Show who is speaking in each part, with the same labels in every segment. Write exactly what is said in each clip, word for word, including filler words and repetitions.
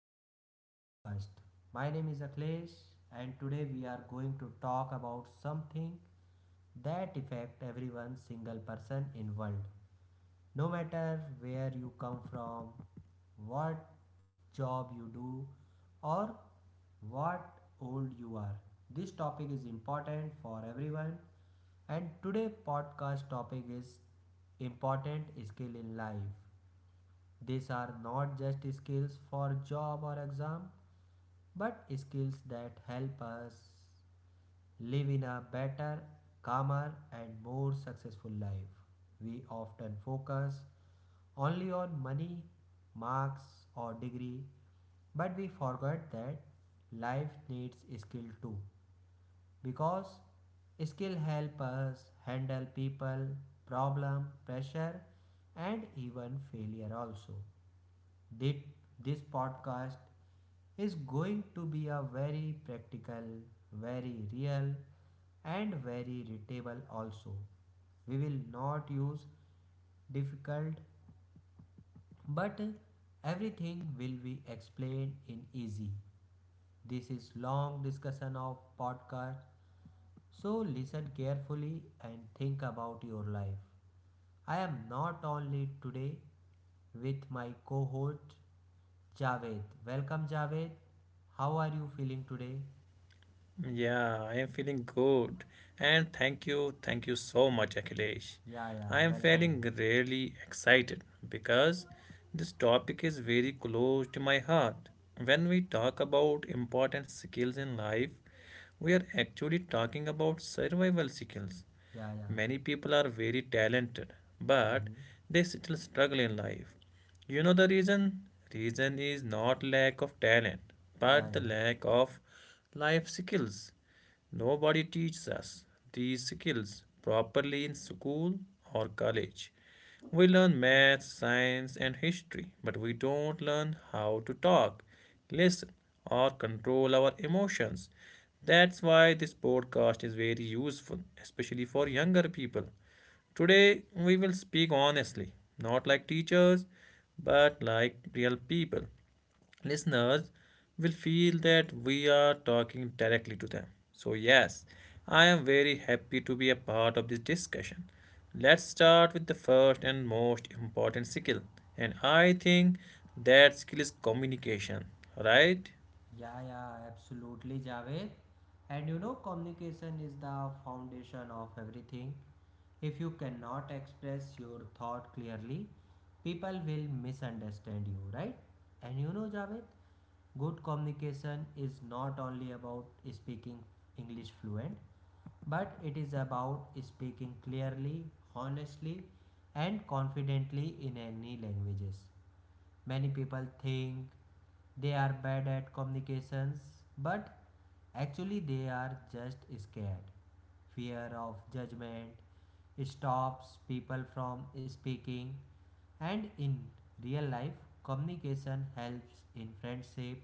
Speaker 1: to our podcast. My name is Akhilesh and today we are going to talk about something that affect everyone single person in world. No matter where you come from, what job you do or what old you are. This topic is important for everyone and today podcast topic is important skill in life. These are not just skills for job or exam, but skills that help us live in a better, calmer, and more successful life. We often focus only on money, marks, or degree, but we forget that life needs skill too because skill help us handle people problem pressure and even failure also. That This podcast is going to be a very practical, very real, and very readable also. We will not use difficult, but everything will be explained in easy. This is long discussion of podcast, so listen carefully and think about your life. I am not only today with my co-host Javed. Welcome, Javed. How are you feeling today?
Speaker 2: Yeah, I am feeling good. And thank you, thank you so much, Akhilesh.
Speaker 1: Yeah, yeah.
Speaker 2: I am
Speaker 1: Welcome,
Speaker 2: feeling
Speaker 1: welcome.
Speaker 2: really excited because this topic is very close to my heart. When we talk about important skills in life, we are actually talking about survival skills.
Speaker 1: Yeah, yeah.
Speaker 2: Many people are very talented, but
Speaker 1: Mm-hmm.
Speaker 2: they still struggle in life. You know the reason? Reason is not lack of talent,
Speaker 1: Yeah,
Speaker 2: but the
Speaker 1: yeah.
Speaker 2: lack of life skills. Nobody teaches us these skills properly in school or college. We learn math, science, and history, but we don't learn how to talk, listen, or control our emotions. That's why this podcast is very useful, especially for younger people. Today, we will speak honestly, not like teachers, but like real people listeners will feel that we are talking directly to them. So, yes, I am very happy to be a part of this discussion. Let's start with the first and most important skill, and I think that skill is communication, right?
Speaker 1: Yeah, yeah. Absolutely, Javed. And you know, communication is the foundation of everything. If you cannot express your thought clearly, people will misunderstand you, right? And you know, Javed, good communication is not only about speaking English fluent, but it is about speaking clearly, honestly, and confidently in any languages. Many people think they are bad at communications, but actually they are just scared. Fear of judgment stops people from speaking, and in real life, communication helps in friendship,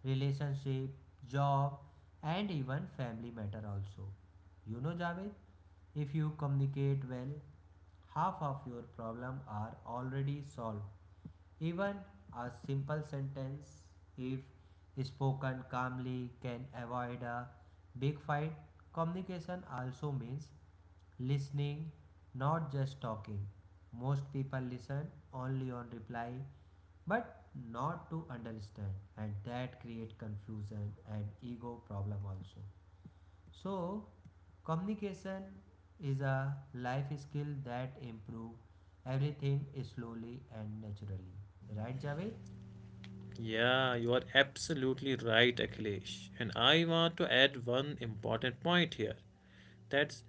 Speaker 1: relationship, job, and even family matter also. You know, Javed, if you communicate well, half of your problem are already solved. Even a simple sentence, if spoken calmly, can avoid a big fight. Communication also means listening, not just talking. Most people listen only on reply but not to understand and that create confusion and ego problem also. So communication is a life skill that improve everything slowly and naturally, right, Javed?
Speaker 2: Yeah, you are absolutely right, Akhilesh. And I want to add one important point here. That's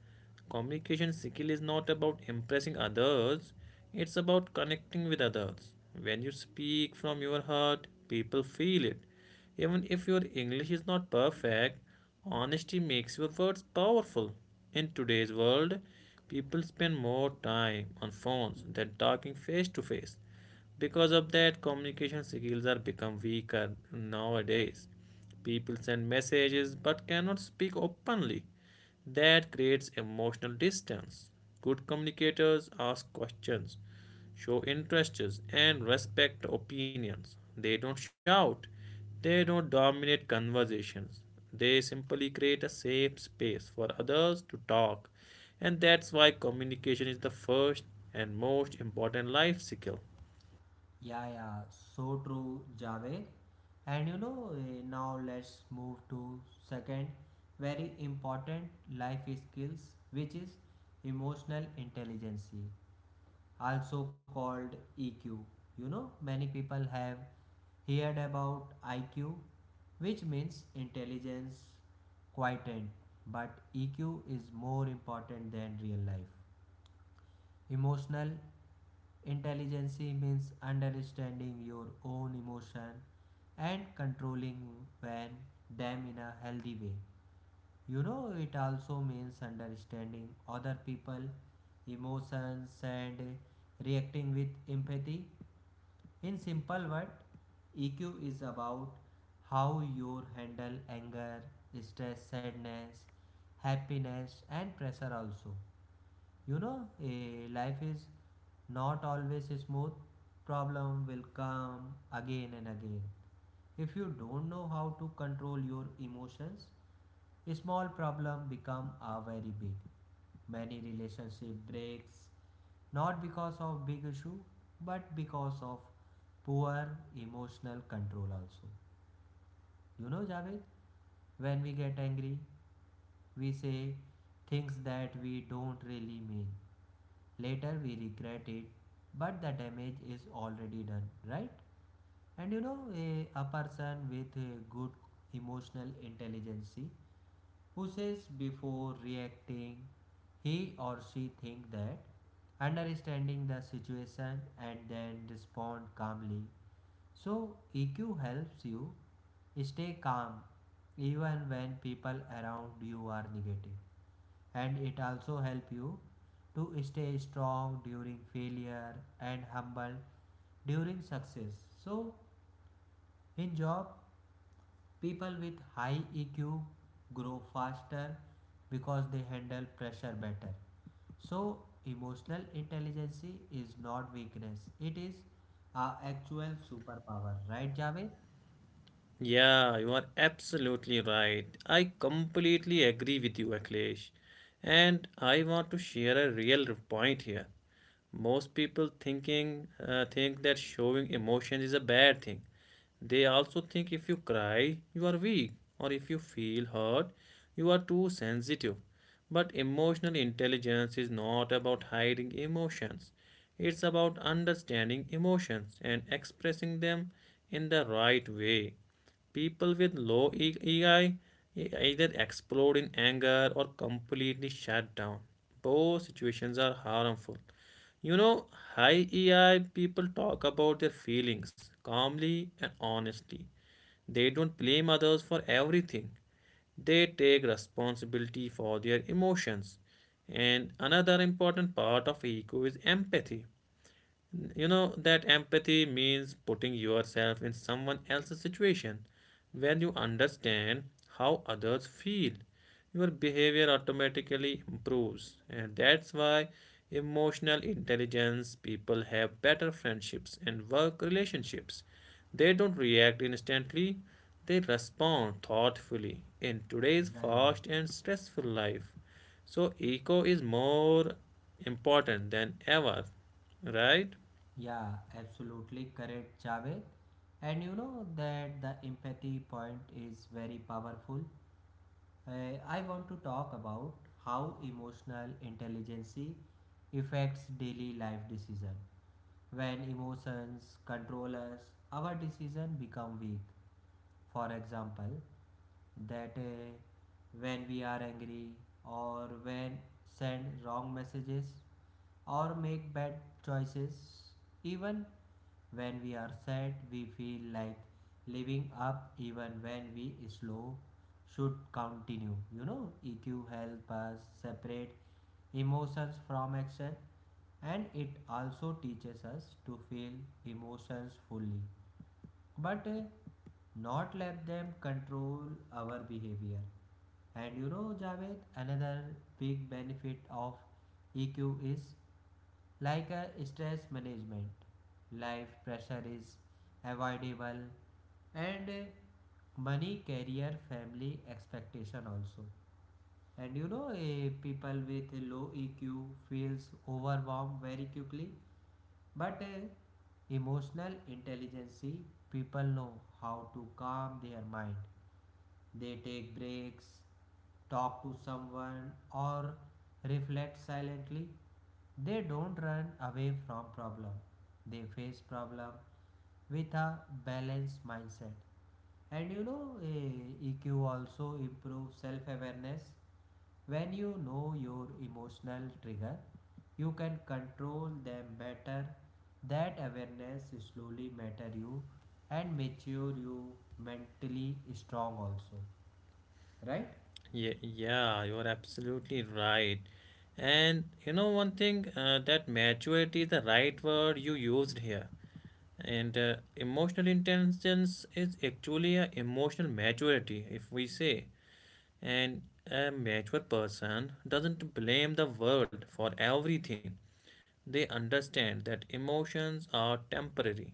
Speaker 2: communication skill is not about impressing others, it's about connecting with others. When you speak from your heart, people feel it. Even if your English is not perfect, honesty makes your words powerful. In today's world, people spend more time on phones than talking face to face. Because of that, communication skills are become weaker nowadays. People send messages but cannot speak openly. That creates emotional distance. Good communicators ask questions, show interests, and respect opinions. They don't shout, they don't dominate conversations. They simply create a safe space for others to talk. And that's why communication is the first and most important life skill.
Speaker 1: Yeah, yeah, so true, Javed. And you know, eh, now let's move to second very important life skills, which is emotional intelligence, also called E Q. You know, many people have heard about I Q, which means intelligence quotient, but E Q is more important than real life. Emotional intelligence means understanding your own emotion and controlling when them in a healthy way. You know, it also means understanding other people emotions and reacting with empathy. In simple word, E Q is about how you handle anger, stress, sadness, happiness and pressure also. You know, a life is not always smooth. Problem will come again and again. If you don't know how to control your emotions, a small problem become a very big. Many relationship breaks, not because of big issue but because of poor emotional control also. You know, Javed, when we get angry we say things that we don't really mean. Later we regret it, but the damage is already done, right? And you know, a, a person with a good emotional intelligence who says before reacting, he or she think that understanding the situation and then respond calmly. So E Q helps you stay calm even when people around you are negative, and it also help you to stay strong during failure and humble during success. So in job people with high E Q grow faster because they handle pressure better. So, emotional intelligence is not weakness, it is our actual superpower, right, Javed?
Speaker 2: Yeah, you are absolutely right. I completely agree with you, Akhilesh. And I want to share a real point here. Most people thinking uh, think that showing emotions is a bad thing. They also think if you cry, you are weak, or if you feel hurt, you are too sensitive. But emotional intelligence is not about hiding emotions. It's about understanding emotions and expressing them in the right way. People with low E- EI either explode in anger or completely shut down. Both situations are harmful. You know, high E I people talk about their feelings calmly and honestly. They don't blame others for everything. They take responsibility for their emotions. And another important part of ego is empathy. You know that empathy means putting yourself in someone else's situation. When you understand how others feel, your behavior automatically improves. And that's why emotional intelligence people have better friendships and work relationships. They don't react instantly, they respond thoughtfully in today's
Speaker 1: Yeah, yeah,
Speaker 2: fast and stressful life. So, eco is more important than ever, right?
Speaker 1: yeah, absolutely correct, Javed. And you know that the empathy point is very powerful. Uh, I want to talk about how emotional intelligence affects daily life decision. When emotions control us, our decision become weak. For example, that uh, when we are angry or when send wrong messages or make bad choices. Even when we are sad we feel like living up even when we slow should continue. You know, EQ help us separate emotions from action, and it also teaches us to feel emotions fully, but uh, not let them control our behavior. And you know, Javed, another big benefit of E Q is like a stress management. Life pressure is avoidable, and uh, money, career, family expectation also. And you know, eh, people with low E Q feels overwhelmed very quickly. But eh, emotional intelligence, people know how to calm their mind. They take breaks, talk to someone, or reflect silently. They don't run away from problem. They face problem with a balanced mindset. And you know, eh, E Q also improves self-awareness. When you know your emotional trigger, you can control them better. That awareness slowly matter you and mature you mentally strong also, right?
Speaker 2: Yeah, yeah, you are absolutely right. And you know one thing, uh, that maturity is the right word you used here. And uh, emotional intelligence is actually a emotional maturity, if we say. And a mature person doesn't blame the world for everything. They understand that emotions are temporary.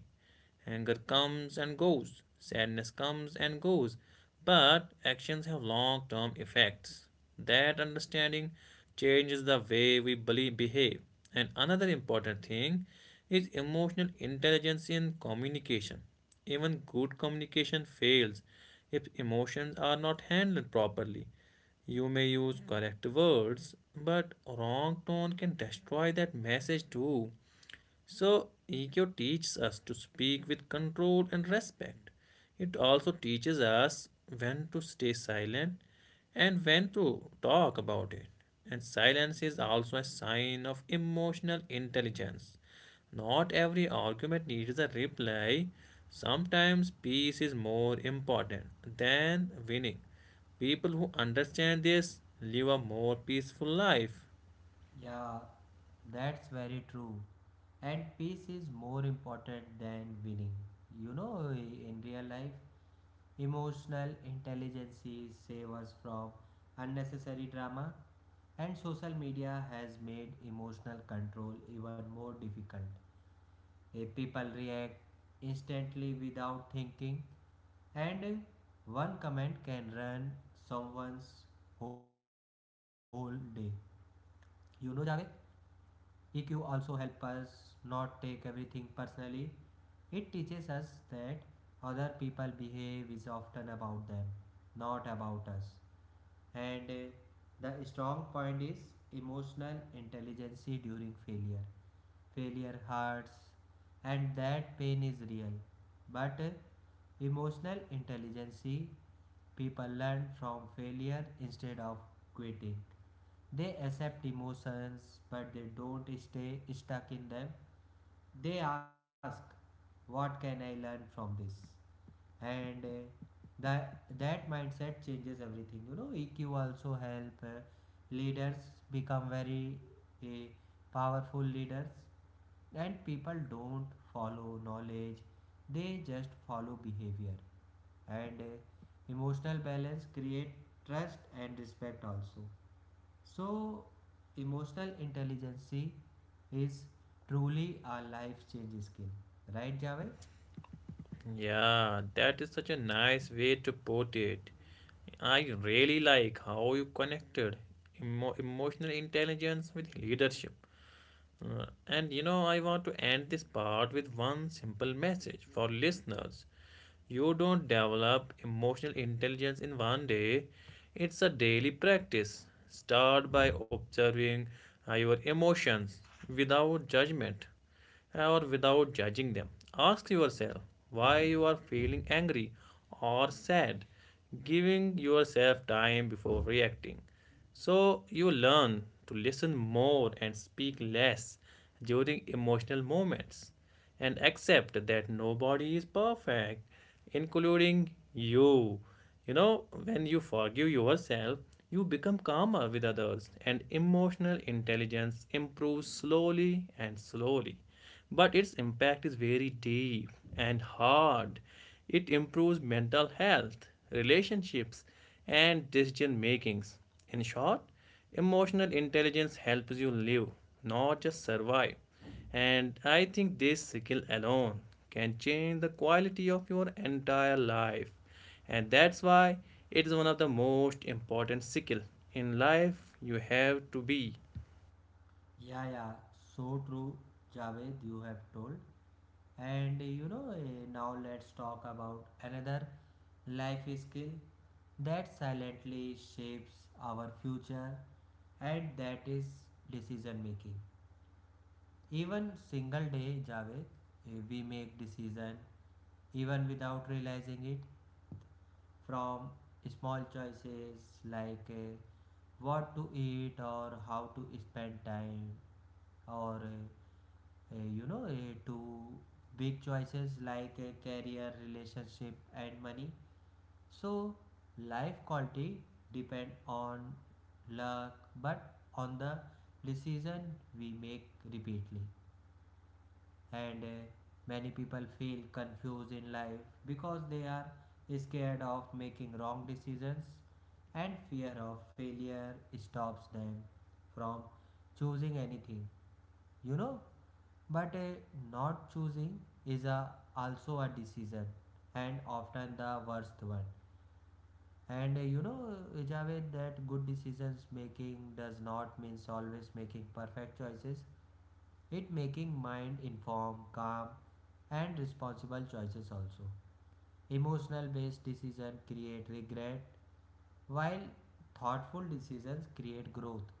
Speaker 2: Anger comes and goes, sadness comes and goes, but actions have long term effects. That understanding changes the way we believe, behave. And another important thing is emotional intelligence in communication. Even good communication fails if emotions are not handled properly. You may use correct words, but wrong tone can destroy that message too. So, ego teaches us to speak with control and respect. It also teaches us when to stay silent and when to talk about it. And silence is also a sign of emotional intelligence. Not every argument needs a reply. Sometimes peace is more important than winning. People who understand this live a more peaceful life.
Speaker 1: Yeah, that's very true. And peace is more important than winning. You know, in real life, emotional intelligence save us from unnecessary drama, and social media has made emotional control even more difficult. Eh, People react instantly without thinking, and eh, one comment can run someone's whole day. You know, Javed? E Q also help us not take everything personally. It teaches us that other people behave is often about them, not about us. And uh, the strong point is emotional intelligence during failure. Failure hurts and that pain is real. But uh, emotional intelligence people learn from failure instead of quitting. They accept emotions, but they don't stay stuck in them. They ask, What can I learn from this? And uh, that, that mindset changes everything. You know, E Q also help uh, leaders become very uh, powerful leaders, and people don't follow knowledge, they just follow behavior. And uh, emotional balance create trust and respect also. So, emotional intelligence is truly a life changing skill, right, Javed?
Speaker 2: Yeah, that is such a nice way to put it. I really like how you connected emo- emotional intelligence with leadership. Uh, and you know, I want to end this part with one simple message for listeners. You don't develop emotional intelligence in one day, it's a daily practice. Start by observing uh, your emotions without judgment or without judging them. Ask yourself why you are feeling angry or sad, giving yourself time before reacting. So you learn to listen more and speak less during emotional moments and accept that nobody is perfect, including you. You know, when you forgive yourself, you become calmer with others, and emotional intelligence improves slowly and slowly. But its impact is very deep and hard. It improves mental health, relationships, and decision makings. In short, emotional intelligence helps you live, not just survive. And I think this skill alone can change the quality of your entire life and that's why it is one of the most important skill in life you have to be.
Speaker 1: Yeah, yeah, so true, Javed, you have told. And you know, eh, now let's talk about another life skill that silently shapes our future, and that is decision making. Even single day, Javed, eh, we make decision even without realizing it, from small choices like uh, what to eat or how to spend time or uh, uh, you know uh, to big choices like uh, career relationship and money. So life quality depend on luck but on the decision we make repeatedly. And uh, many people feel confused in life because they are scared of making wrong decisions and fear of failure stops them from choosing anything, you know but uh, not choosing is a, also a decision and often the worst one. And uh, you know, Javed, that good decisions making does not means always making perfect choices. It making mind informed, calm, and responsible choices also. Emotional based decision create regret, while thoughtful decisions create growth.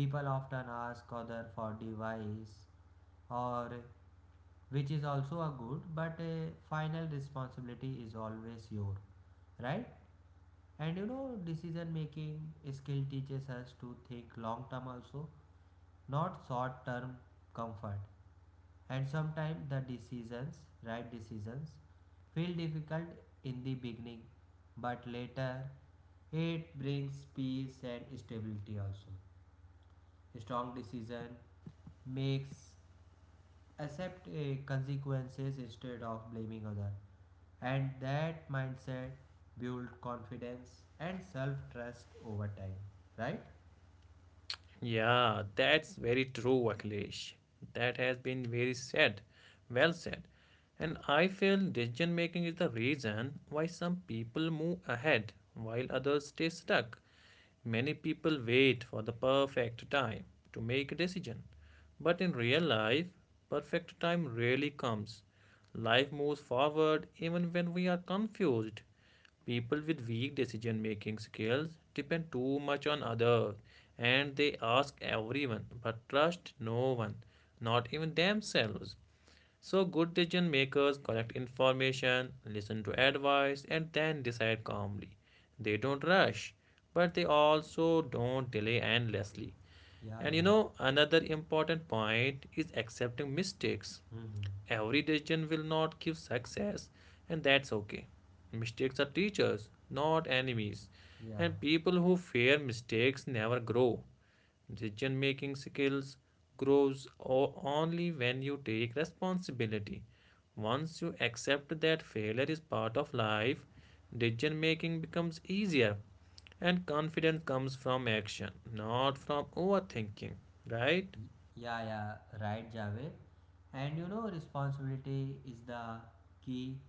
Speaker 1: People often ask other for advice, or which is also a good, but uh, final responsibility is always your, right? And you know, decision making skill teaches us to think long term also, not short term comfort. And sometimes the decisions right decisions feel difficult in the beginning, but later it brings peace and stability also. Strong decision makes accept uh, consequences instead of blaming other. And that mindset build confidence and self trust over time, right?
Speaker 2: Yeah, that's very true, Akhilesh. That has been very said well said And I feel decision making is the reason why some people move ahead while others stay stuck. Many people wait for the perfect time to make a decision, but in real life, perfect time rarely comes. Life moves forward even when we are confused. People with weak decision making skills depend too much on others and they ask everyone but trust no one, not even themselves. So, good decision makers collect information, listen to advice, and then decide calmly. They don't rush, but they also don't delay endlessly.
Speaker 1: Yeah,
Speaker 2: And you
Speaker 1: yeah.
Speaker 2: know, another important point is accepting mistakes.
Speaker 1: Mm-hmm.
Speaker 2: Every decision will not give success, and that's okay. Mistakes are teachers, not enemies.
Speaker 1: Yeah.
Speaker 2: And people who fear mistakes never grow. Decision making skills grows o- only when you take responsibility. Once you accept that failure is part of life, decision making becomes easier and confidence comes from action, not from overthinking, right?
Speaker 1: Yeah, yeah, right, Javed. And you know, responsibility is the key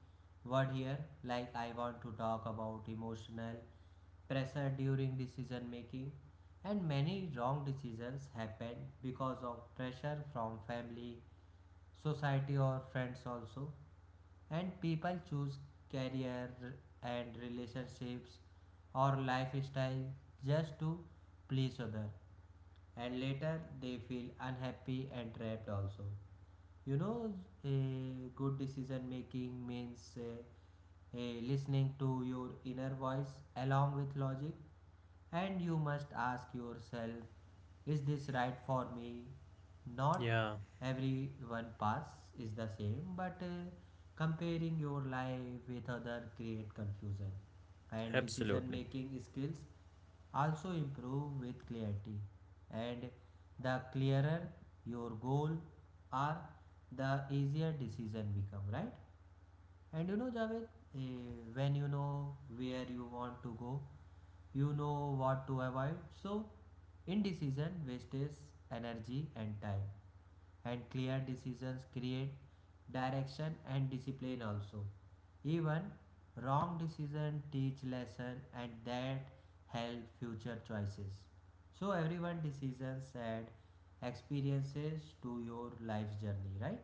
Speaker 1: word here. Like, I want to talk about emotional pressure during decision making. And many wrong decisions happen because of pressure from family, society, or friends, also. And people choose career and relationships or lifestyle just to please other and later they feel unhappy and trapped also. You know a good decision making means uh, a listening to your inner voice along with logic. And you must ask yourself, is this right for me, not
Speaker 2: Yeah,
Speaker 1: everyone path is the same, but uh, comparing your life with other create confusion. And decision
Speaker 2: absolutely.
Speaker 1: making skills also improve with clarity, and the clearer your goal are, the easier decision become, right? And you know, Javed, eh, when you know where you want to go, you know what to avoid. So indecision wastes energy and time. And clear decisions create direction and discipline also. Even wrong decision teach lesson, and that help future choices. So everyone decisions and experiences to your life's journey, right?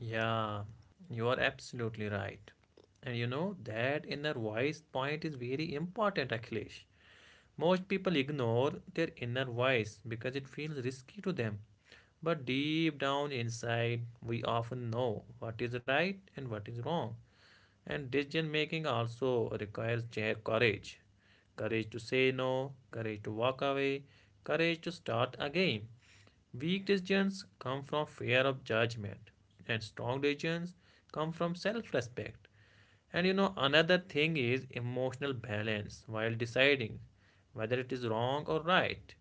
Speaker 2: Yeah, you are absolutely right. And you know that inner voice point is very important, Akhilesh. Most people ignore their inner voice because it feels risky to them. But deep down inside, we often know what is right and what is wrong. And decision making also requires courage, courage to say no, courage to walk away, courage to start again. Weak decisions come from fear of judgment, and strong decisions come from self respect. And you know, another thing is emotional balance while deciding whether it is wrong or right.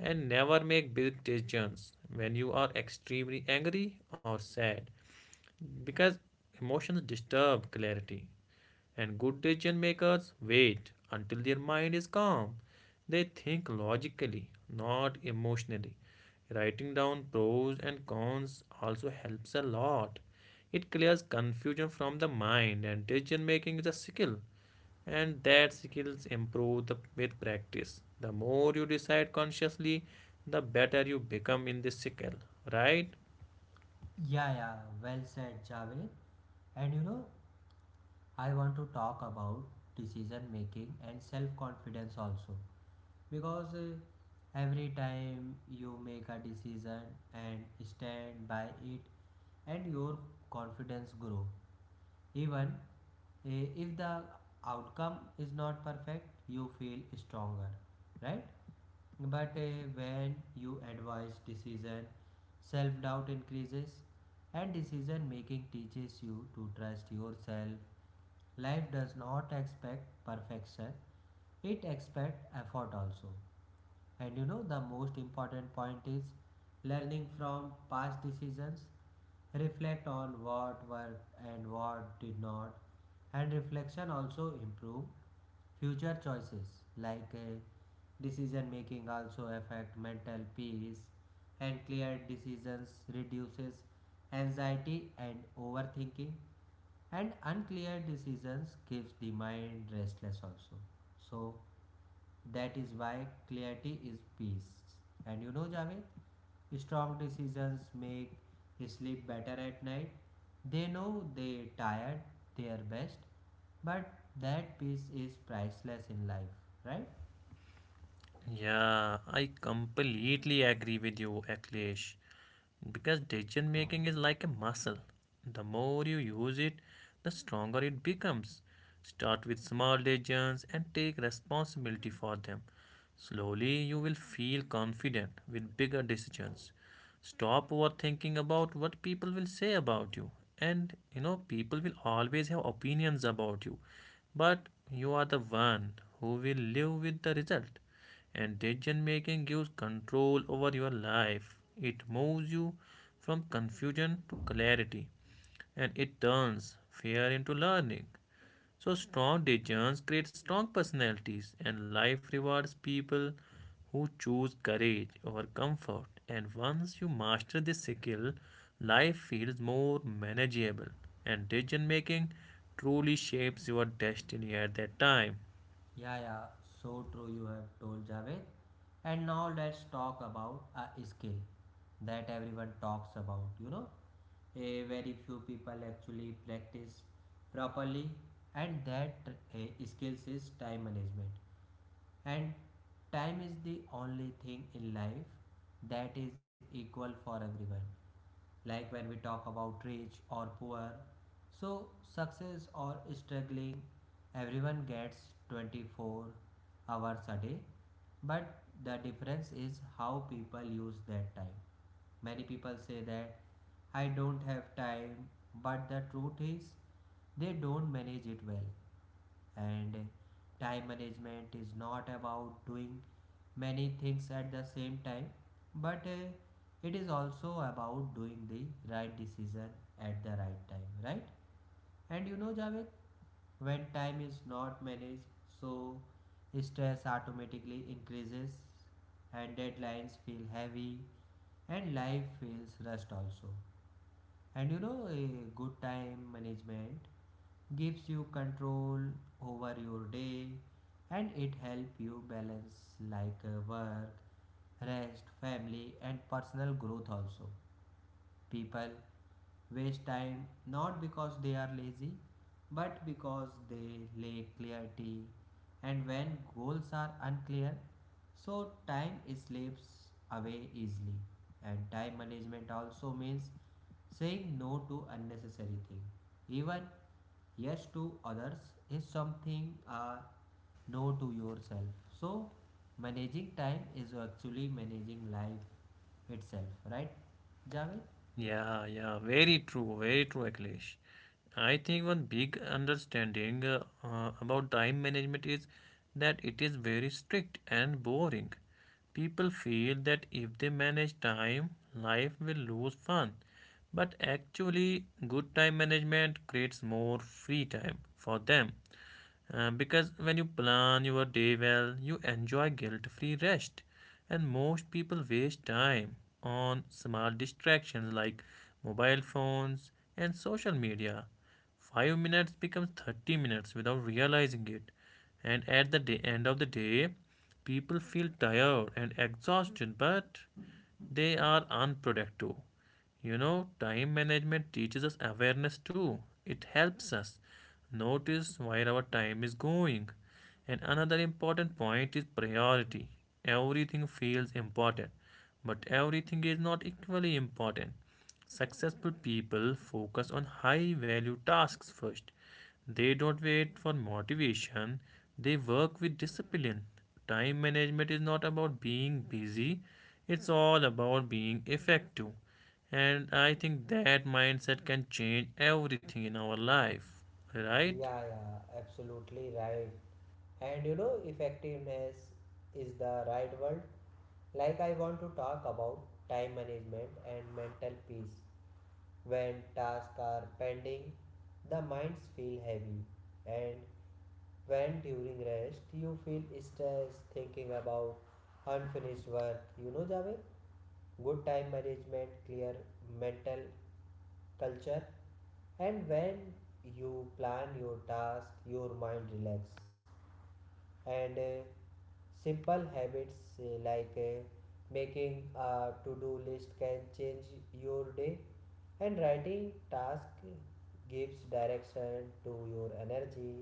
Speaker 2: And never make big decisions when you are extremely angry or sad because emotions disturb clarity and good decision makers wait until their mind is calm. They think logically, not emotionally. Writing down pros and cons also helps a lot. It clears confusion from the mind and decision making is a skill and that skills improve the, with practice. The more you decide consciously, the better you become in this skill, right?
Speaker 1: Yeah, yeah, well said, Javed. And you know, I want to talk about decision making and self confidence also, because uh, every time you make a decision and stand by it, and your confidence grow. Even Eh, if the outcome is not perfect you feel stronger, right? But eh, when you advise decision, self doubt increases. And decision making teaches you to trust yourself. Life does not expect perfection, it expects effort also. And you know, the most important point is learning from past decisions. Reflect on what worked and what did not. And reflection also improve future choices. Like, uh, decision making also affect mental peace. And clear decisions reduces anxiety and overthinking. And unclear decisions keeps the mind restless also. So that is why clarity is peace. And you know, Javed, strong decisions make sleep better at night. They know they tired their best, but that peace is priceless in life, right?
Speaker 2: Yeah, I completely agree with you, Akhilesh. Because decision making is like a muscle. The more you use it, the stronger it becomes. Start with small decisions and take responsibility for them. Slowly, you will feel confident with bigger decisions. Stop overthinking about what people will say about you. And you know, people will always have opinions about you. But you are the one who will live with the result. And decision making gives control over your life. It moves you from confusion to clarity. And it turns fear into learning. So, strong decisions create strong personalities, and life rewards people who choose courage over comfort. And once you master this skill, life feels more manageable, and decision making truly shapes your destiny at that time.
Speaker 1: Yeah, yeah, so true you have told Javed. And now let's talk about a skill that everyone talks about, you know, a very few people actually practice properly and that uh, skills is time management. And time is the only thing in life that is equal for everyone, like when we talk about rich or poor. So, success or struggling, everyone gets twenty-four hours a day, but the difference is how people use that time. Many people say that I don't have time, but the truth is they don't manage it well. And time management is not about doing many things at the same time, but uh, it is also about doing the right decision at the right time, right? And you know, Javed, when time is not managed, so stress automatically increases, and deadlines feel heavy, and life feels rushed also. And you know, a good time management gives you control over your day, and it helps you balance like uh, work, rest, family, and personal growth also. People waste time not because they are lazy, but because they lack clarity, and when goals are unclear, so time slips away easily. And time management also means saying no to unnecessary things, even yes to others, is something, uh, no to yourself. So, managing time is actually managing life itself, right, Javed?
Speaker 2: Yeah, yeah, very true, very true, Akhilesh. I think one big understanding uh, uh, about time management is that it is very strict and boring. People feel that if they manage time, life will lose fun. But actually, good time management creates more free time for them. Uh, because when you plan your day well, you enjoy guilt free rest. And most people waste time on small distractions like mobile phones and social media. five minutes becomes thirty minutes without realizing it. And at the day, end of the day, people feel tired and exhausted, but they are unproductive. You know, time management teaches us awareness too. It helps us notice where our time is going. And another important point is priority. Everything feels important, but everything is not equally important. Successful people focus on high value tasks first. They don't wait for motivation, they work with discipline. Time management is not about being busy, it's all about being effective. And I think that mindset can change everything in our life, right?
Speaker 1: Yeah, yeah, absolutely right. And you know, effectiveness is the right word. Like, I want to talk about time management and mental peace. When tasks are pending, the minds feel heavy, and when during rest you feel stressed thinking about unfinished work. You know, Javed, good time management, clear mental culture, and when you plan your task, your mind relax. And uh, simple habits uh, like uh, making a to-do list can change your day, and writing task gives direction to your energy.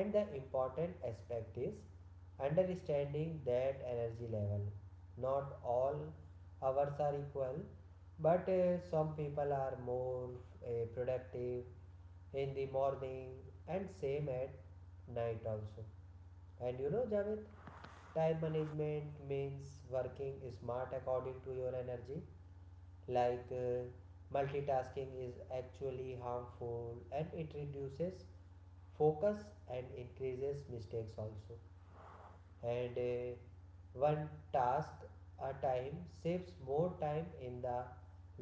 Speaker 1: And the important aspect is understanding that energy level, not all hours are equal, but uh, some people are more uh, productive in the morning and same at night also. And you know, Javed, time management means working smart according to your energy. Like uh, multitasking is actually harmful, and it reduces focus and increases mistakes also. And uh, one task a time saves more time in the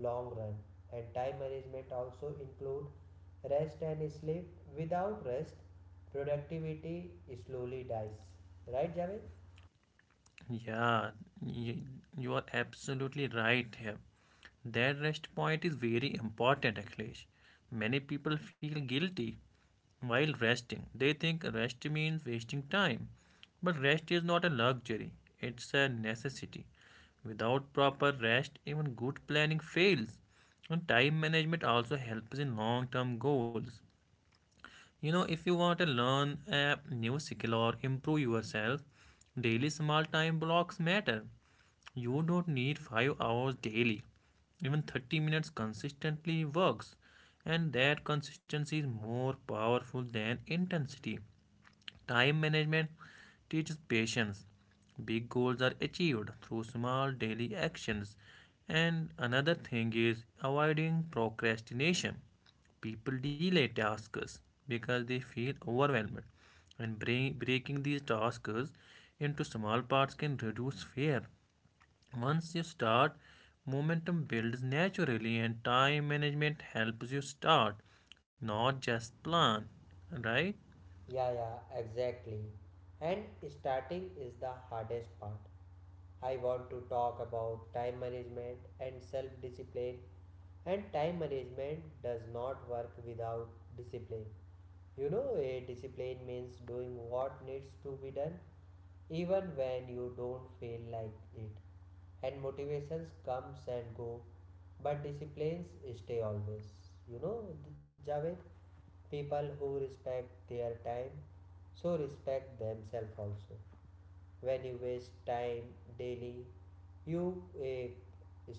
Speaker 1: long run. And time management also include rest and sleep. Without rest, productivity slowly dies, right, Javed?
Speaker 2: Yeah, y- you are absolutely right here. That rest point is very important, Akhilesh. Many people feel guilty while resting. They think rest means wasting time. But rest is not a luxury, it's a necessity. Without proper rest, even good planning fails. And time management also helps in long term goals. You know, if you want to learn a new skill or improve yourself, daily small time blocks matter. You don't need five hours daily. Even thirty minutes consistently works, and that consistency is more powerful than intensity. Time management teaches patience. Big goals are achieved through small daily actions. And another thing is avoiding procrastination. People delay tasks because they feel overwhelmed, and bre- breaking these tasks into small parts can reduce fear. Once you start, momentum builds naturally, and time management helps you start, not just plan. Right?
Speaker 1: Yeah, yeah, exactly. And starting is the hardest part. I want to talk about time management and self discipline. And time management does not work without discipline. You know, a discipline means doing what needs to be done even when you don't feel like it. And motivations comes and go, but disciplines stay always. You know, Javed, people who respect their time, so respect themselves also. When you waste time daily, you, eh,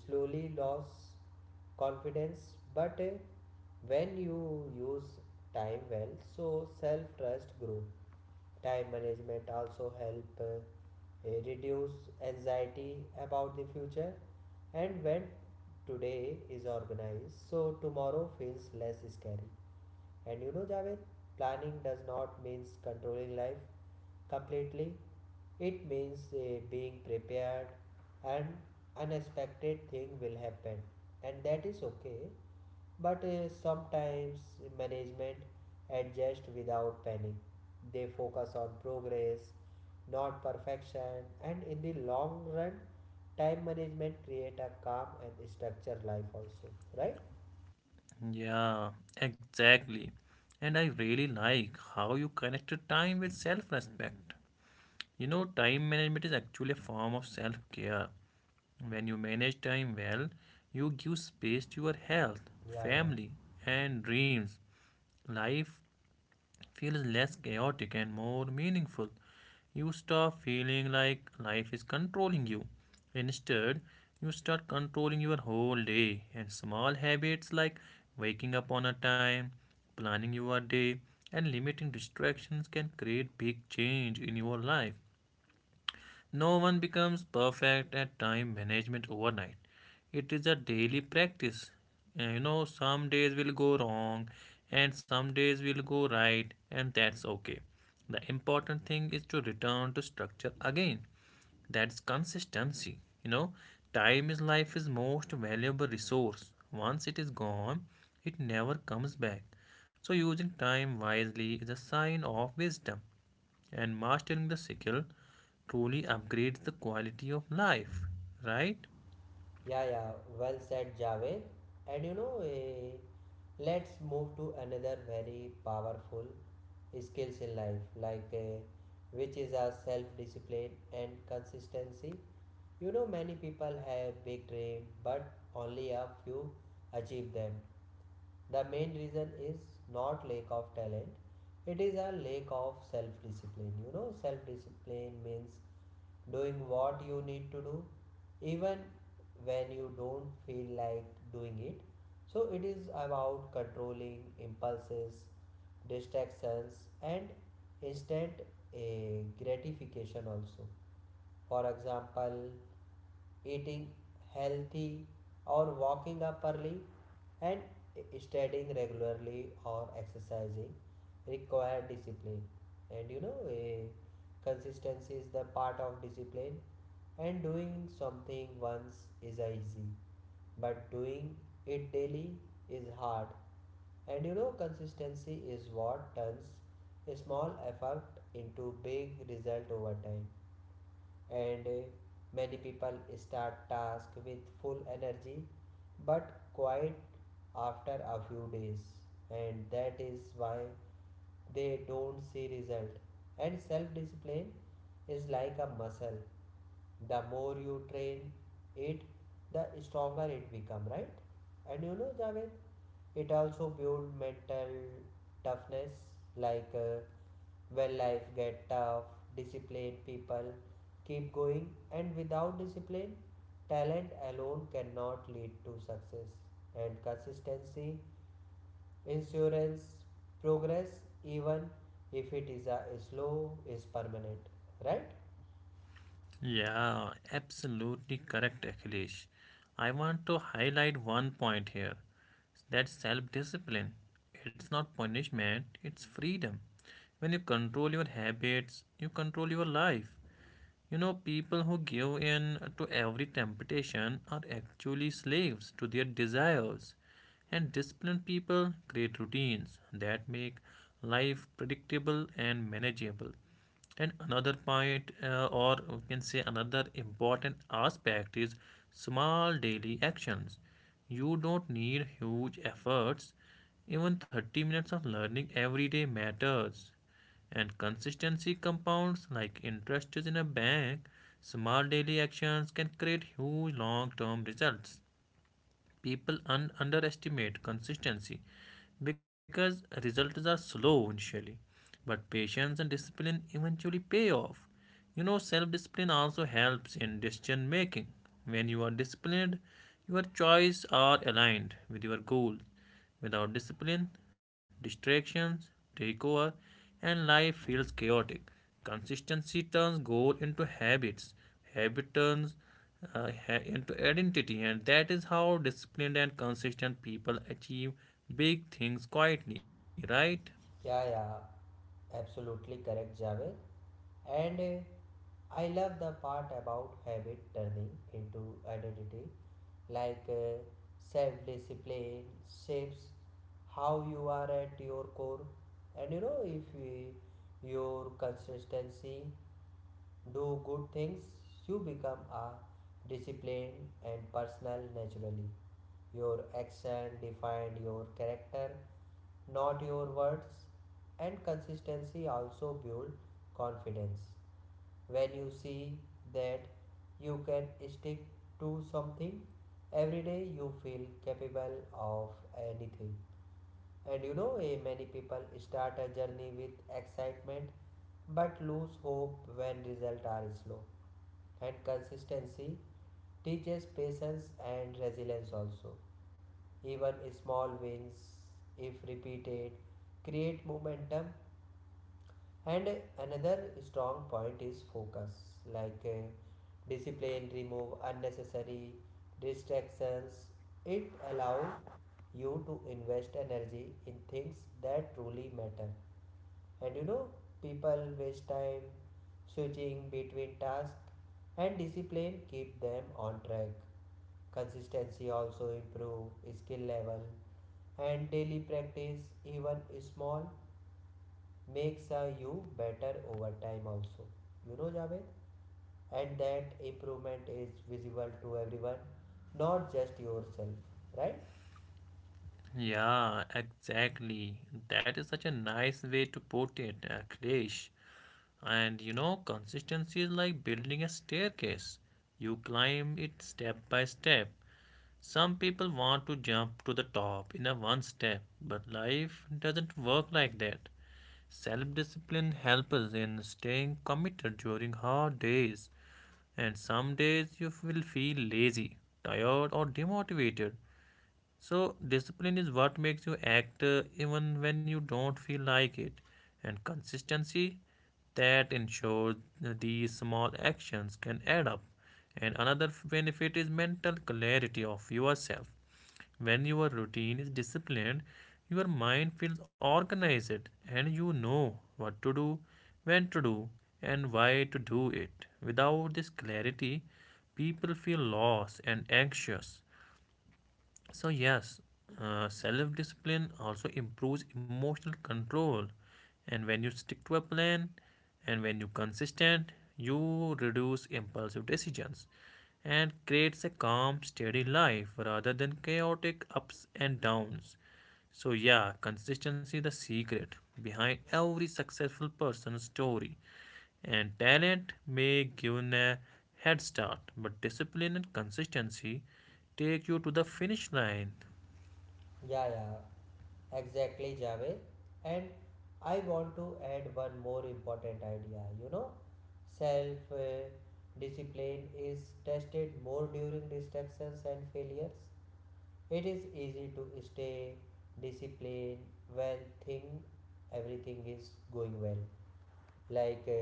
Speaker 1: slowly lose confidence, but eh, when you use time well, so self trust grow. Time management also help uh, eh, reduce anxiety about the future, and when today is organized, so tomorrow feels less scary. And you know, Javed, planning does not means controlling life completely, it means eh, being prepared, and unexpected thing will happen, and that is okay. But uh, sometimes management adjust without panic. They focus on progress, not perfection, and in the long run, time management create a calm and structured life also, right?
Speaker 2: Yeah, exactly. And I really like how you connected time with self respect. You know, time management is actually a form of self care. When you manage time well, you give space to your health,
Speaker 1: Yeah, yeah,
Speaker 2: family, and dreams. Life feels less chaotic and more meaningful. You stop feeling like life is controlling you. Instead, you start controlling your whole day, and small habits like waking up on a time, planning your day, and limiting distractions can create big change in your life. No one becomes perfect at time management overnight. It is a daily practice. And, you know, some days will go wrong and some days will go right, and that's okay. The important thing is to return to structure again. That's consistency. You know, time is life's most valuable resource. Once it is gone, it never comes back. So, using time wisely is a sign of wisdom. And mastering the skill truly upgrades the quality of life, right?
Speaker 1: yeah, yeah. Well said, Javed. And you know, eh, let's move to another very powerful skills in life, like, eh, which is a self discipline and consistency. You know, many people have big dreams, but only a few achieve them. The main reason is not lack of talent, it is a lack of self discipline. You know, self discipline means doing what you need to do, even when you don't feel like doing it. So, it is about controlling impulses, distractions, and instant eh, gratification also. For example, eating healthy or walking up early and studying regularly or exercising require discipline. And you know, eh, consistency is the part of discipline. And doing something once is easy, but doing it daily is hard. And you know, consistency is what turns a small effort into big result over time. And uh, many people start task with full energy but quiet after a few days, and that is why they don't see result. And self discipline is like a muscle, the more you train it, the stronger it become, right? And you know, Javed, it also build mental toughness, like, uh, well, life get tough, disciplined people keep going, and without discipline, talent alone cannot lead to success. And consistency, insurance, progress, even if it is a slow, is permanent. Right?
Speaker 2: Yeah, absolutely correct, Akhilesh. I want to highlight one point here that self discipline. It's not punishment, it's freedom. When you control your habits, you control your life. You know, people who give in to every temptation are actually slaves to their desires. And disciplined people create routines that make life predictable and manageable. And another point, uh, or we can say another important aspect, is small daily actions. You don't need huge efforts. Even thirty minutes of learning every day matters. And consistency compounds like interest is in a bank. Small daily actions can create huge long term results. People un- underestimate consistency because results are slow initially, but patience and discipline eventually pay off. You know, self discipline also helps in decision making. When you are disciplined, your choices are aligned with your goals. Without discipline, distractions take over, and life feels chaotic. Consistency turns goal into habits, habit turns uh, ha- into identity, and that is how disciplined and consistent people achieve big things quietly, right?
Speaker 1: Yeah, yeah, absolutely correct, Javed. And uh, I love the part about habit turning into identity, like uh, self discipline shapes how you are at your core. And you know, if uh, your consistency do good things, you become a disciplined and personal naturally. Your action define your character, not your words, and consistency also build confidence when you see that you can stick to something every day, you feel capable of anything. And you know, eh, many people start a journey with excitement but lose hope when results are slow, and consistency teaches patience and resilience also. Even small wins, if repeated, create momentum. And another strong point is focus, like uh, discipline, remove unnecessary distractions. It allows you to invest energy in things that truly matter. And you know, people waste time switching between tasks, and discipline keep them on track. Consistency also improve skill level, and daily practice, even small, makes uh, you better over time also. You know, Javed, and that improvement is visible to everyone, not just yourself, right?
Speaker 2: Yeah, exactly. That is such a nice way to put it, Akhilesh. And you know, consistency is like building a staircase. You climb it step by step. Some people want to jump to the top in a one step, but life doesn't work like that. Self discipline helps us in staying committed during hard days, and some days you will feel lazy, tired, or demotivated. So, discipline is what makes you act uh, even when you don't feel like it, and consistency that ensures that these small actions can add up. And another f- benefit is mental clarity of yourself. When your routine is disciplined, your mind feels organized and you know what to do, when to do, and why to do it. Without this clarity, people feel lost and anxious. So, yes, uh, self discipline also improves emotional control. And when you stick to a plan and when you're consistent, you reduce impulsive decisions and creates a calm, steady life rather than chaotic ups and downs. So, yeah, consistency is the secret behind every successful person's story. And talent may give a head start, but discipline and consistency take you to the finish line.
Speaker 1: Yeah, yeah, exactly, Javed. And I want to add one more important idea. You know, self uh, discipline is tested more during distractions and failures. It is easy to stay disciplined when thing everything is going well, like uh,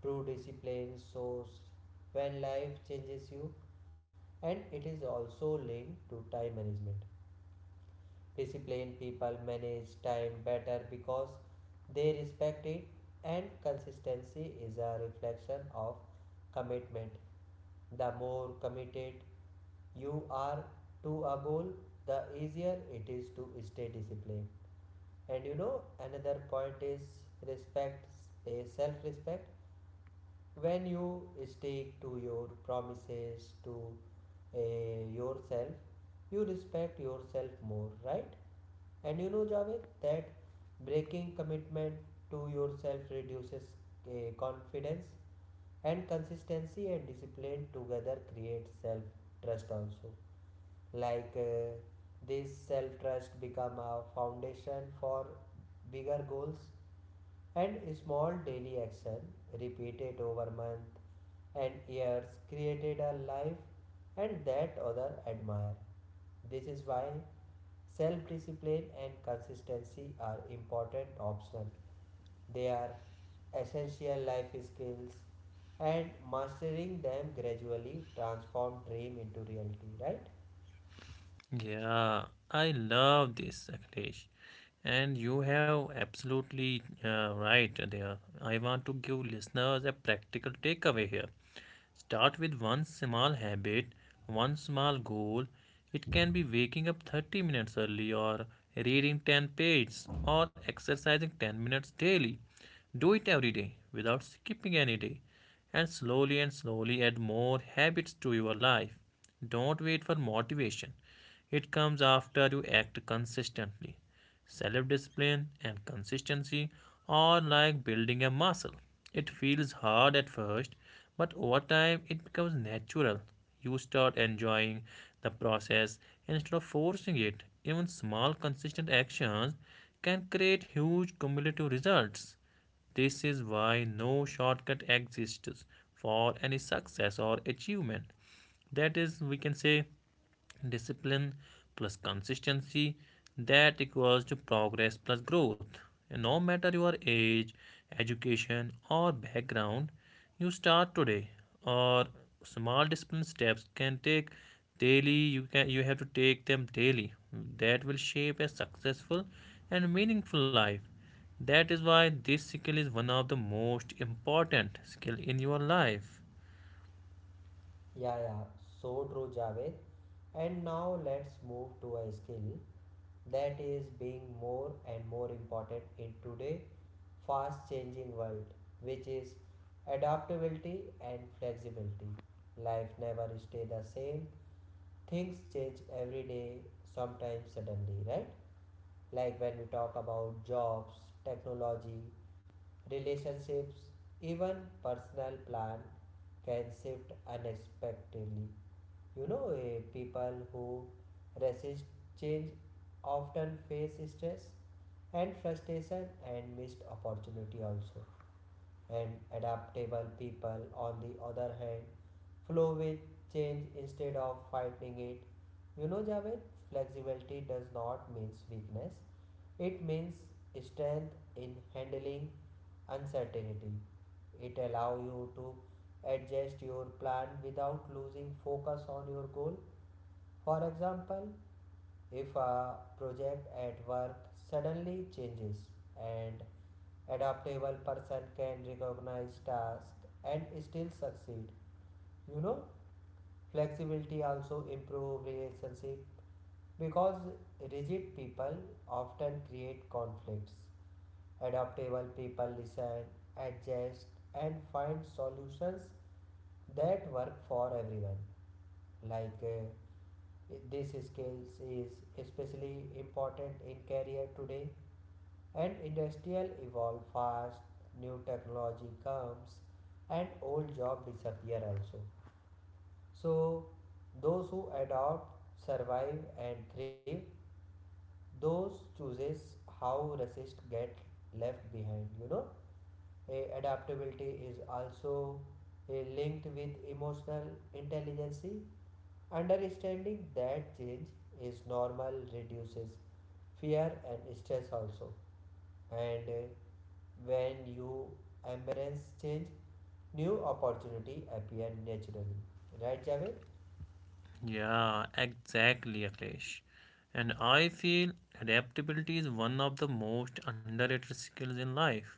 Speaker 1: true discipline shows when life changes you. And it is also linked to time management. Disciplined people manage time better because they respect it, and consistency is a reflection of commitment. The more committed you are to a goal, the easier it is to stay disciplined. And you know, another point is respect, self respect. When you stick to your promises to uh, yourself, you respect yourself more, right? And you know, Javed, that breaking commitment to yourself reduces uh, confidence, and consistency and discipline together create self trust also, like uh, this self trust become a foundation for bigger goals. And small daily action repeated over months and years created a life and that others admire. This is why self discipline and consistency are important optional. They are essential life skills, and mastering them gradually transform dream into reality, right?
Speaker 2: Yeah, I love this, Akhilesh. And you have absolutely uh, right there. I want to give listeners a practical takeaway here. Start with one small habit, one small goal. It can be waking up thirty minutes early, or reading ten pages, or exercising ten minutes daily. Do it every day without skipping any day, and slowly and slowly add more habits to your life. Don't wait for motivation, it comes after you act consistently. Self discipline and consistency are like building a muscle. It feels hard at first, but over time it becomes natural. You start enjoying the process instead of forcing it. Even small, consistent actions can create huge cumulative results. This is why no shortcut exists for any success or achievement. That is, we can say, discipline plus consistency that equals to progress plus growth, and no matter your age, education, or background, you start today or small discipline steps can take daily, you can you have to take them daily. That will shape a successful and meaningful life. That is why this skill is one of the most important skill in your life.
Speaker 1: Yeah, yeah, so true, Javed. And now let's move to a skill that is being more and more important in today fast changing world, which is adaptability and flexibility. Life never stay the same, things change every day, sometimes suddenly, right? Like when we talk about jobs, technology, relationships, even personal plan can shift unexpectedly. You know, eh, people who resist change often face stress and frustration and missed opportunity also. And adaptable people, on the other hand, flow with change instead of fighting it. You know, Javed, flexibility does not means weakness, it means strength in handling uncertainty. It allows you to adjust your plan without losing focus on your goal. For example, if a project at work suddenly changes, and adaptable person can recognize tasks and still succeed. You know, flexibility also improve relationship, because rigid people often create conflicts. Adaptable people listen, adjust, and find solutions that work for everyone. Like uh, this skills is especially important in career today, and industrial evolve fast, new technology comes, and old job disappear also. So, those who adopt survive and thrive, those chooses how resist get left behind. You know, A- adaptability is also eh, linked with emotional intelligence. Understanding that change is normal reduces fear and stress also. And eh, when you embrace change, new opportunity appear naturally. Right, Javed?
Speaker 2: Yeah, exactly, Akhilesh. And I feel adaptability is one of the most underrated skills in life.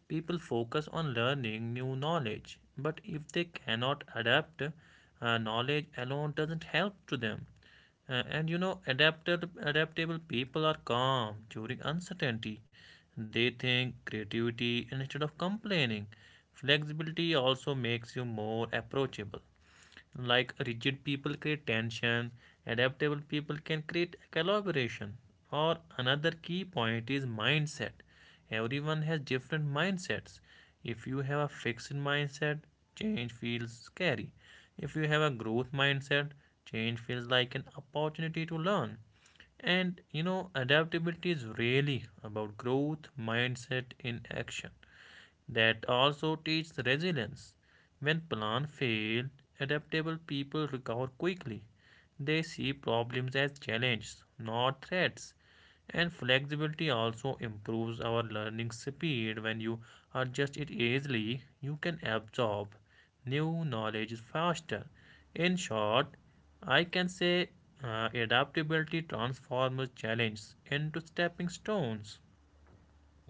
Speaker 2: People focus on learning new knowledge, but if they cannot adapt, uh, knowledge alone doesn't help to them. Uh, and you know, adapted, adaptable people are calm during uncertainty. They think creativity instead of complaining. Flexibility also makes you more approachable. Like rigid people create tension, adaptable people can create collaboration. Or another key point is mindset. Everyone has different mindsets. If you have a fixed mindset, change feels scary. If you have a growth mindset, change feels like an opportunity to learn. And you know, adaptability is really about growth mindset in action that also teaches resilience. When plans fail, adaptable people recover quickly. They see problems as challenges, not threats. And flexibility also improves our learning speed. When you adjust it easily, you can absorb new knowledge faster. In short, I can say uh, adaptability transforms challenges into stepping stones.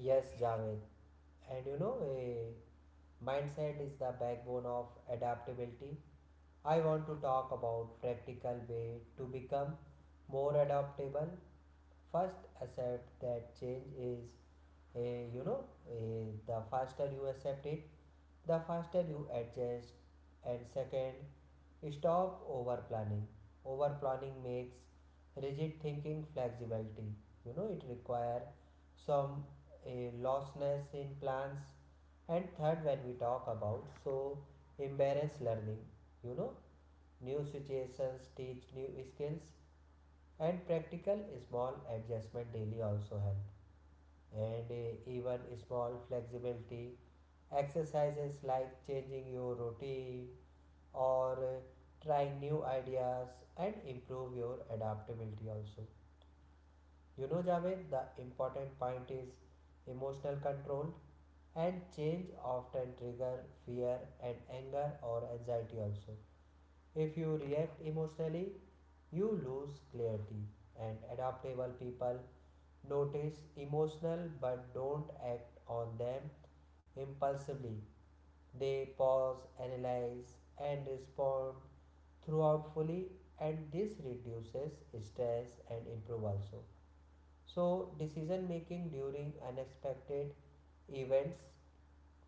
Speaker 1: Yes, Javed. And you know, a mindset is the backbone of adaptability. I want to talk about practical way to become more adaptable. First, accept that change is a you know a, the faster you accept it, the faster you adjust. And second, stop over planning. Over planning makes rigid thinking flexibility. You know, it requires some a lostness in plans. And third, when we talk about so embarrass learning, you know, new situations teach new skills, and practical small adjustment daily also help. And eh, even small flexibility exercises like changing your routine or uh, trying new ideas and improve your adaptability also. You know, Javed, the important point is emotional control, and change often trigger fear and anger or anxiety also. If you react emotionally, you lose clarity, and adaptable people notice emotional but don't act on them impulsively. They pause, analyze, and respond throughout fully, and this reduces stress and improve also. So, decision making during unexpected events,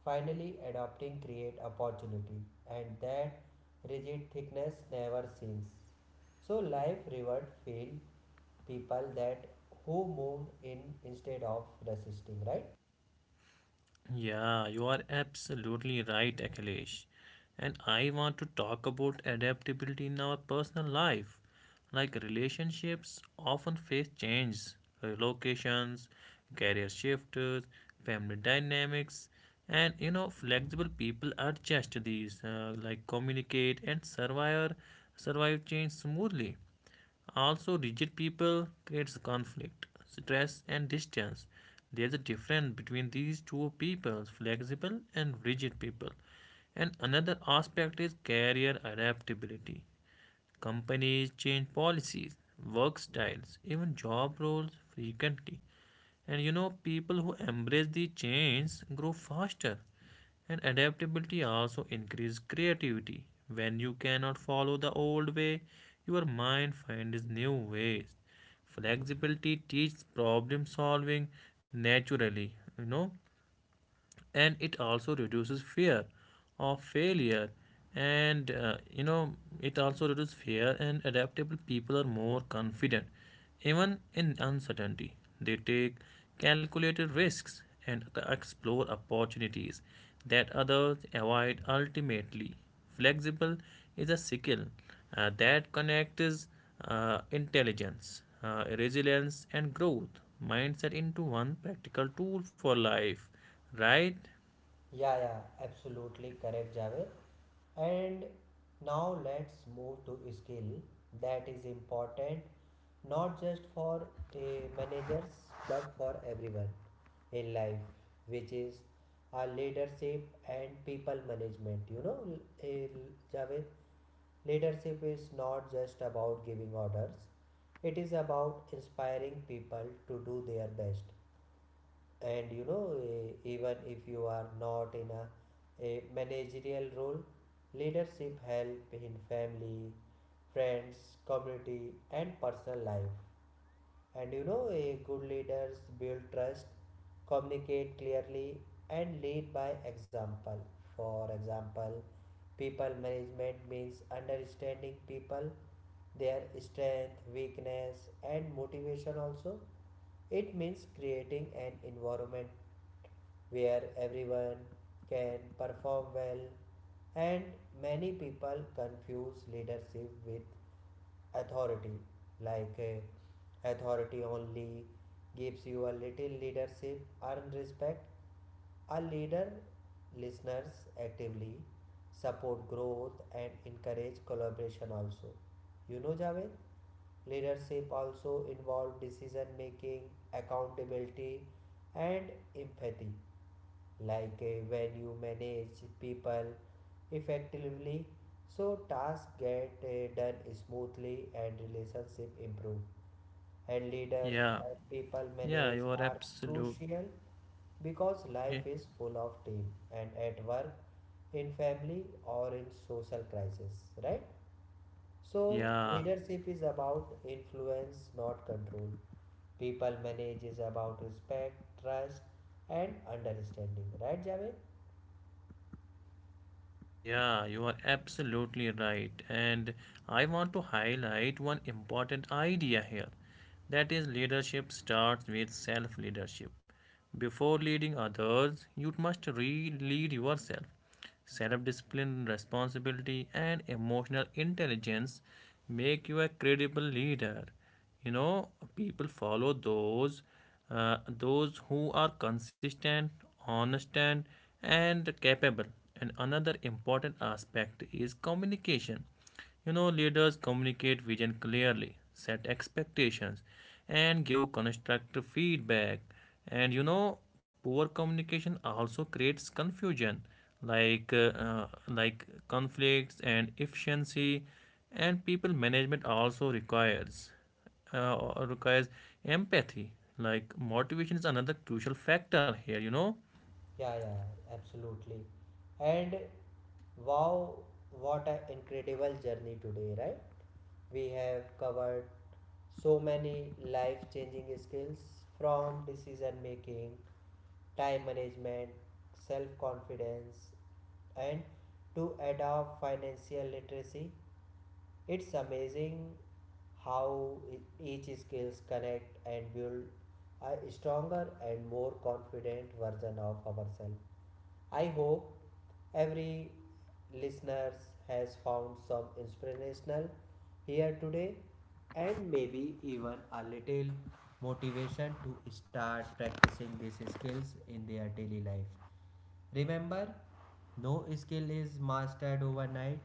Speaker 1: finally adopting create opportunity, and that rigid thickness never sinks. So life reward field people that who moved in instead of resisting, right?
Speaker 2: Yeah, you are absolutely right, Akhilesh. And I want to talk about adaptability in our personal life. Like relationships often face changes, relocations, career shifts, family dynamics, and you know, flexible people adjust these, uh, like communicate and survive survive change smoothly. Also, rigid people creates conflict, stress, and distance. There's a difference between these two people, flexible and rigid people. And another aspect is career adaptability. Companies change policies, work styles, even job roles frequently. And you know, people who embrace the change grow faster. And adaptability also increases creativity. When you cannot follow the old way, your mind finds new ways. Flexibility teaches problem solving naturally, you know, and it also reduces fear of failure and uh, you know, it also reduces fear, and adaptable people are more confident even in uncertainty. They take calculated risks and explore opportunities that others avoid. Ultimately, flexible is a skill uh, that connects uh, intelligence, uh, resilience, and growth mindset into one practical tool for life, right?
Speaker 1: Yeah, yeah, absolutely correct, Javed. And now let's move to a skill that is important not just for uh, managers but for everyone in life, which is a leadership and people management. You know, eh, Javed, leadership is not just about giving orders, it is about inspiring people to do their best. And you know, e- even if you are not in a, a managerial role, leadership help in family, friends, community, and personal life. And you know, a good leaders build trust, communicate clearly, and lead by example. For example, people management means understanding people, their strength, weakness, and motivation also. It means creating an environment where everyone can perform well, and many people confuse leadership with authority. Like uh, authority only gives you a little, leadership, earn respect. A leader listeners actively, support growth, and encourage collaboration also. You know, Javed, leadership also involves decision making, accountability, and empathy, like uh, when you manage people effectively, so tasks get uh, done smoothly and relationship improve. And leaders
Speaker 2: Yeah,
Speaker 1: and people
Speaker 2: yeah,
Speaker 1: manage
Speaker 2: you are
Speaker 1: are
Speaker 2: absolute.
Speaker 1: crucial because
Speaker 2: Yeah,
Speaker 1: life is full of team and at work, in family, or in social crisis, right? So,
Speaker 2: yeah,
Speaker 1: leadership is about influence, not control. People manage is about respect, trust, and understanding, right, Javed?
Speaker 2: yeah, you are absolutely right. And I want to highlight one important idea here. That is, leadership starts with self leadership. Before leading others, you must re lead yourself. Self discipline, responsibility, and emotional intelligence make you a credible leader. You know, people follow those uh, those who are consistent, honest, and and capable. And another important aspect is communication. You know, leaders communicate vision clearly, set expectations, and give constructive feedback. And you know, poor communication also creates confusion, like uh, uh, like conflicts and efficiency. And people management also requires uh, or requires empathy. Like motivation is another crucial factor here. You know.
Speaker 1: Yeah, yeah, absolutely. And wow, what an incredible journey today, right? We have covered so many life changing skills, from decision making, time management, self confidence, and to adopt financial literacy. It's amazing how e- each skills connect and build a stronger and more confident version of ourselves. I hope every listeners has found some inspirational here today, and maybe even a little motivation to start practicing these skills in their daily life. Remember, no skill is mastered overnight.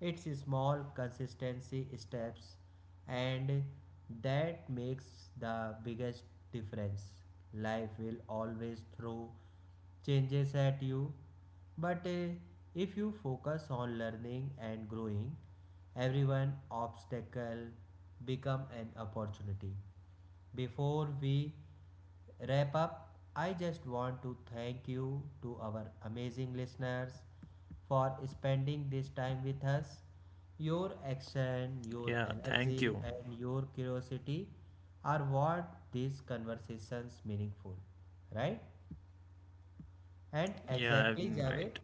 Speaker 1: It's small, consistency steps, and that makes the biggest difference. Life will always throw changes at you, but uh, if you focus on learning and growing, every one obstacle become an opportunity. Before we wrap up, I just want to thank you to our amazing listeners for spending this time with us. Your action, your
Speaker 2: Yeah. Thank
Speaker 1: energy,
Speaker 2: you.
Speaker 1: and your curiosity are what these conversations meaningful, right? And
Speaker 2: Yeah.
Speaker 1: exactly, Javed,
Speaker 2: Right.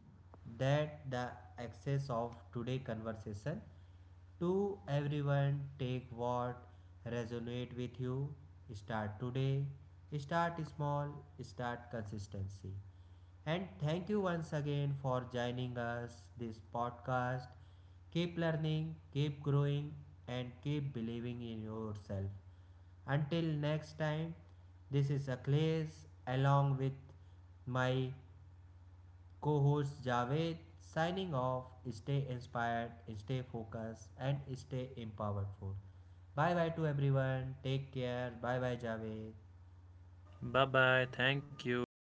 Speaker 1: that the access of today conversation to everyone, take what resonate with you, start today, start small, start consistency. And thank you once again for joining us this podcast. Keep learning, keep growing, and keep believing in yourself. Until next time, this is Akhilesh along with my co host Javed signing off. Stay inspired, stay focused, and stay empowered. Bye bye to everyone. Take care. Bye bye, Javed.
Speaker 2: Bye bye. Thank you.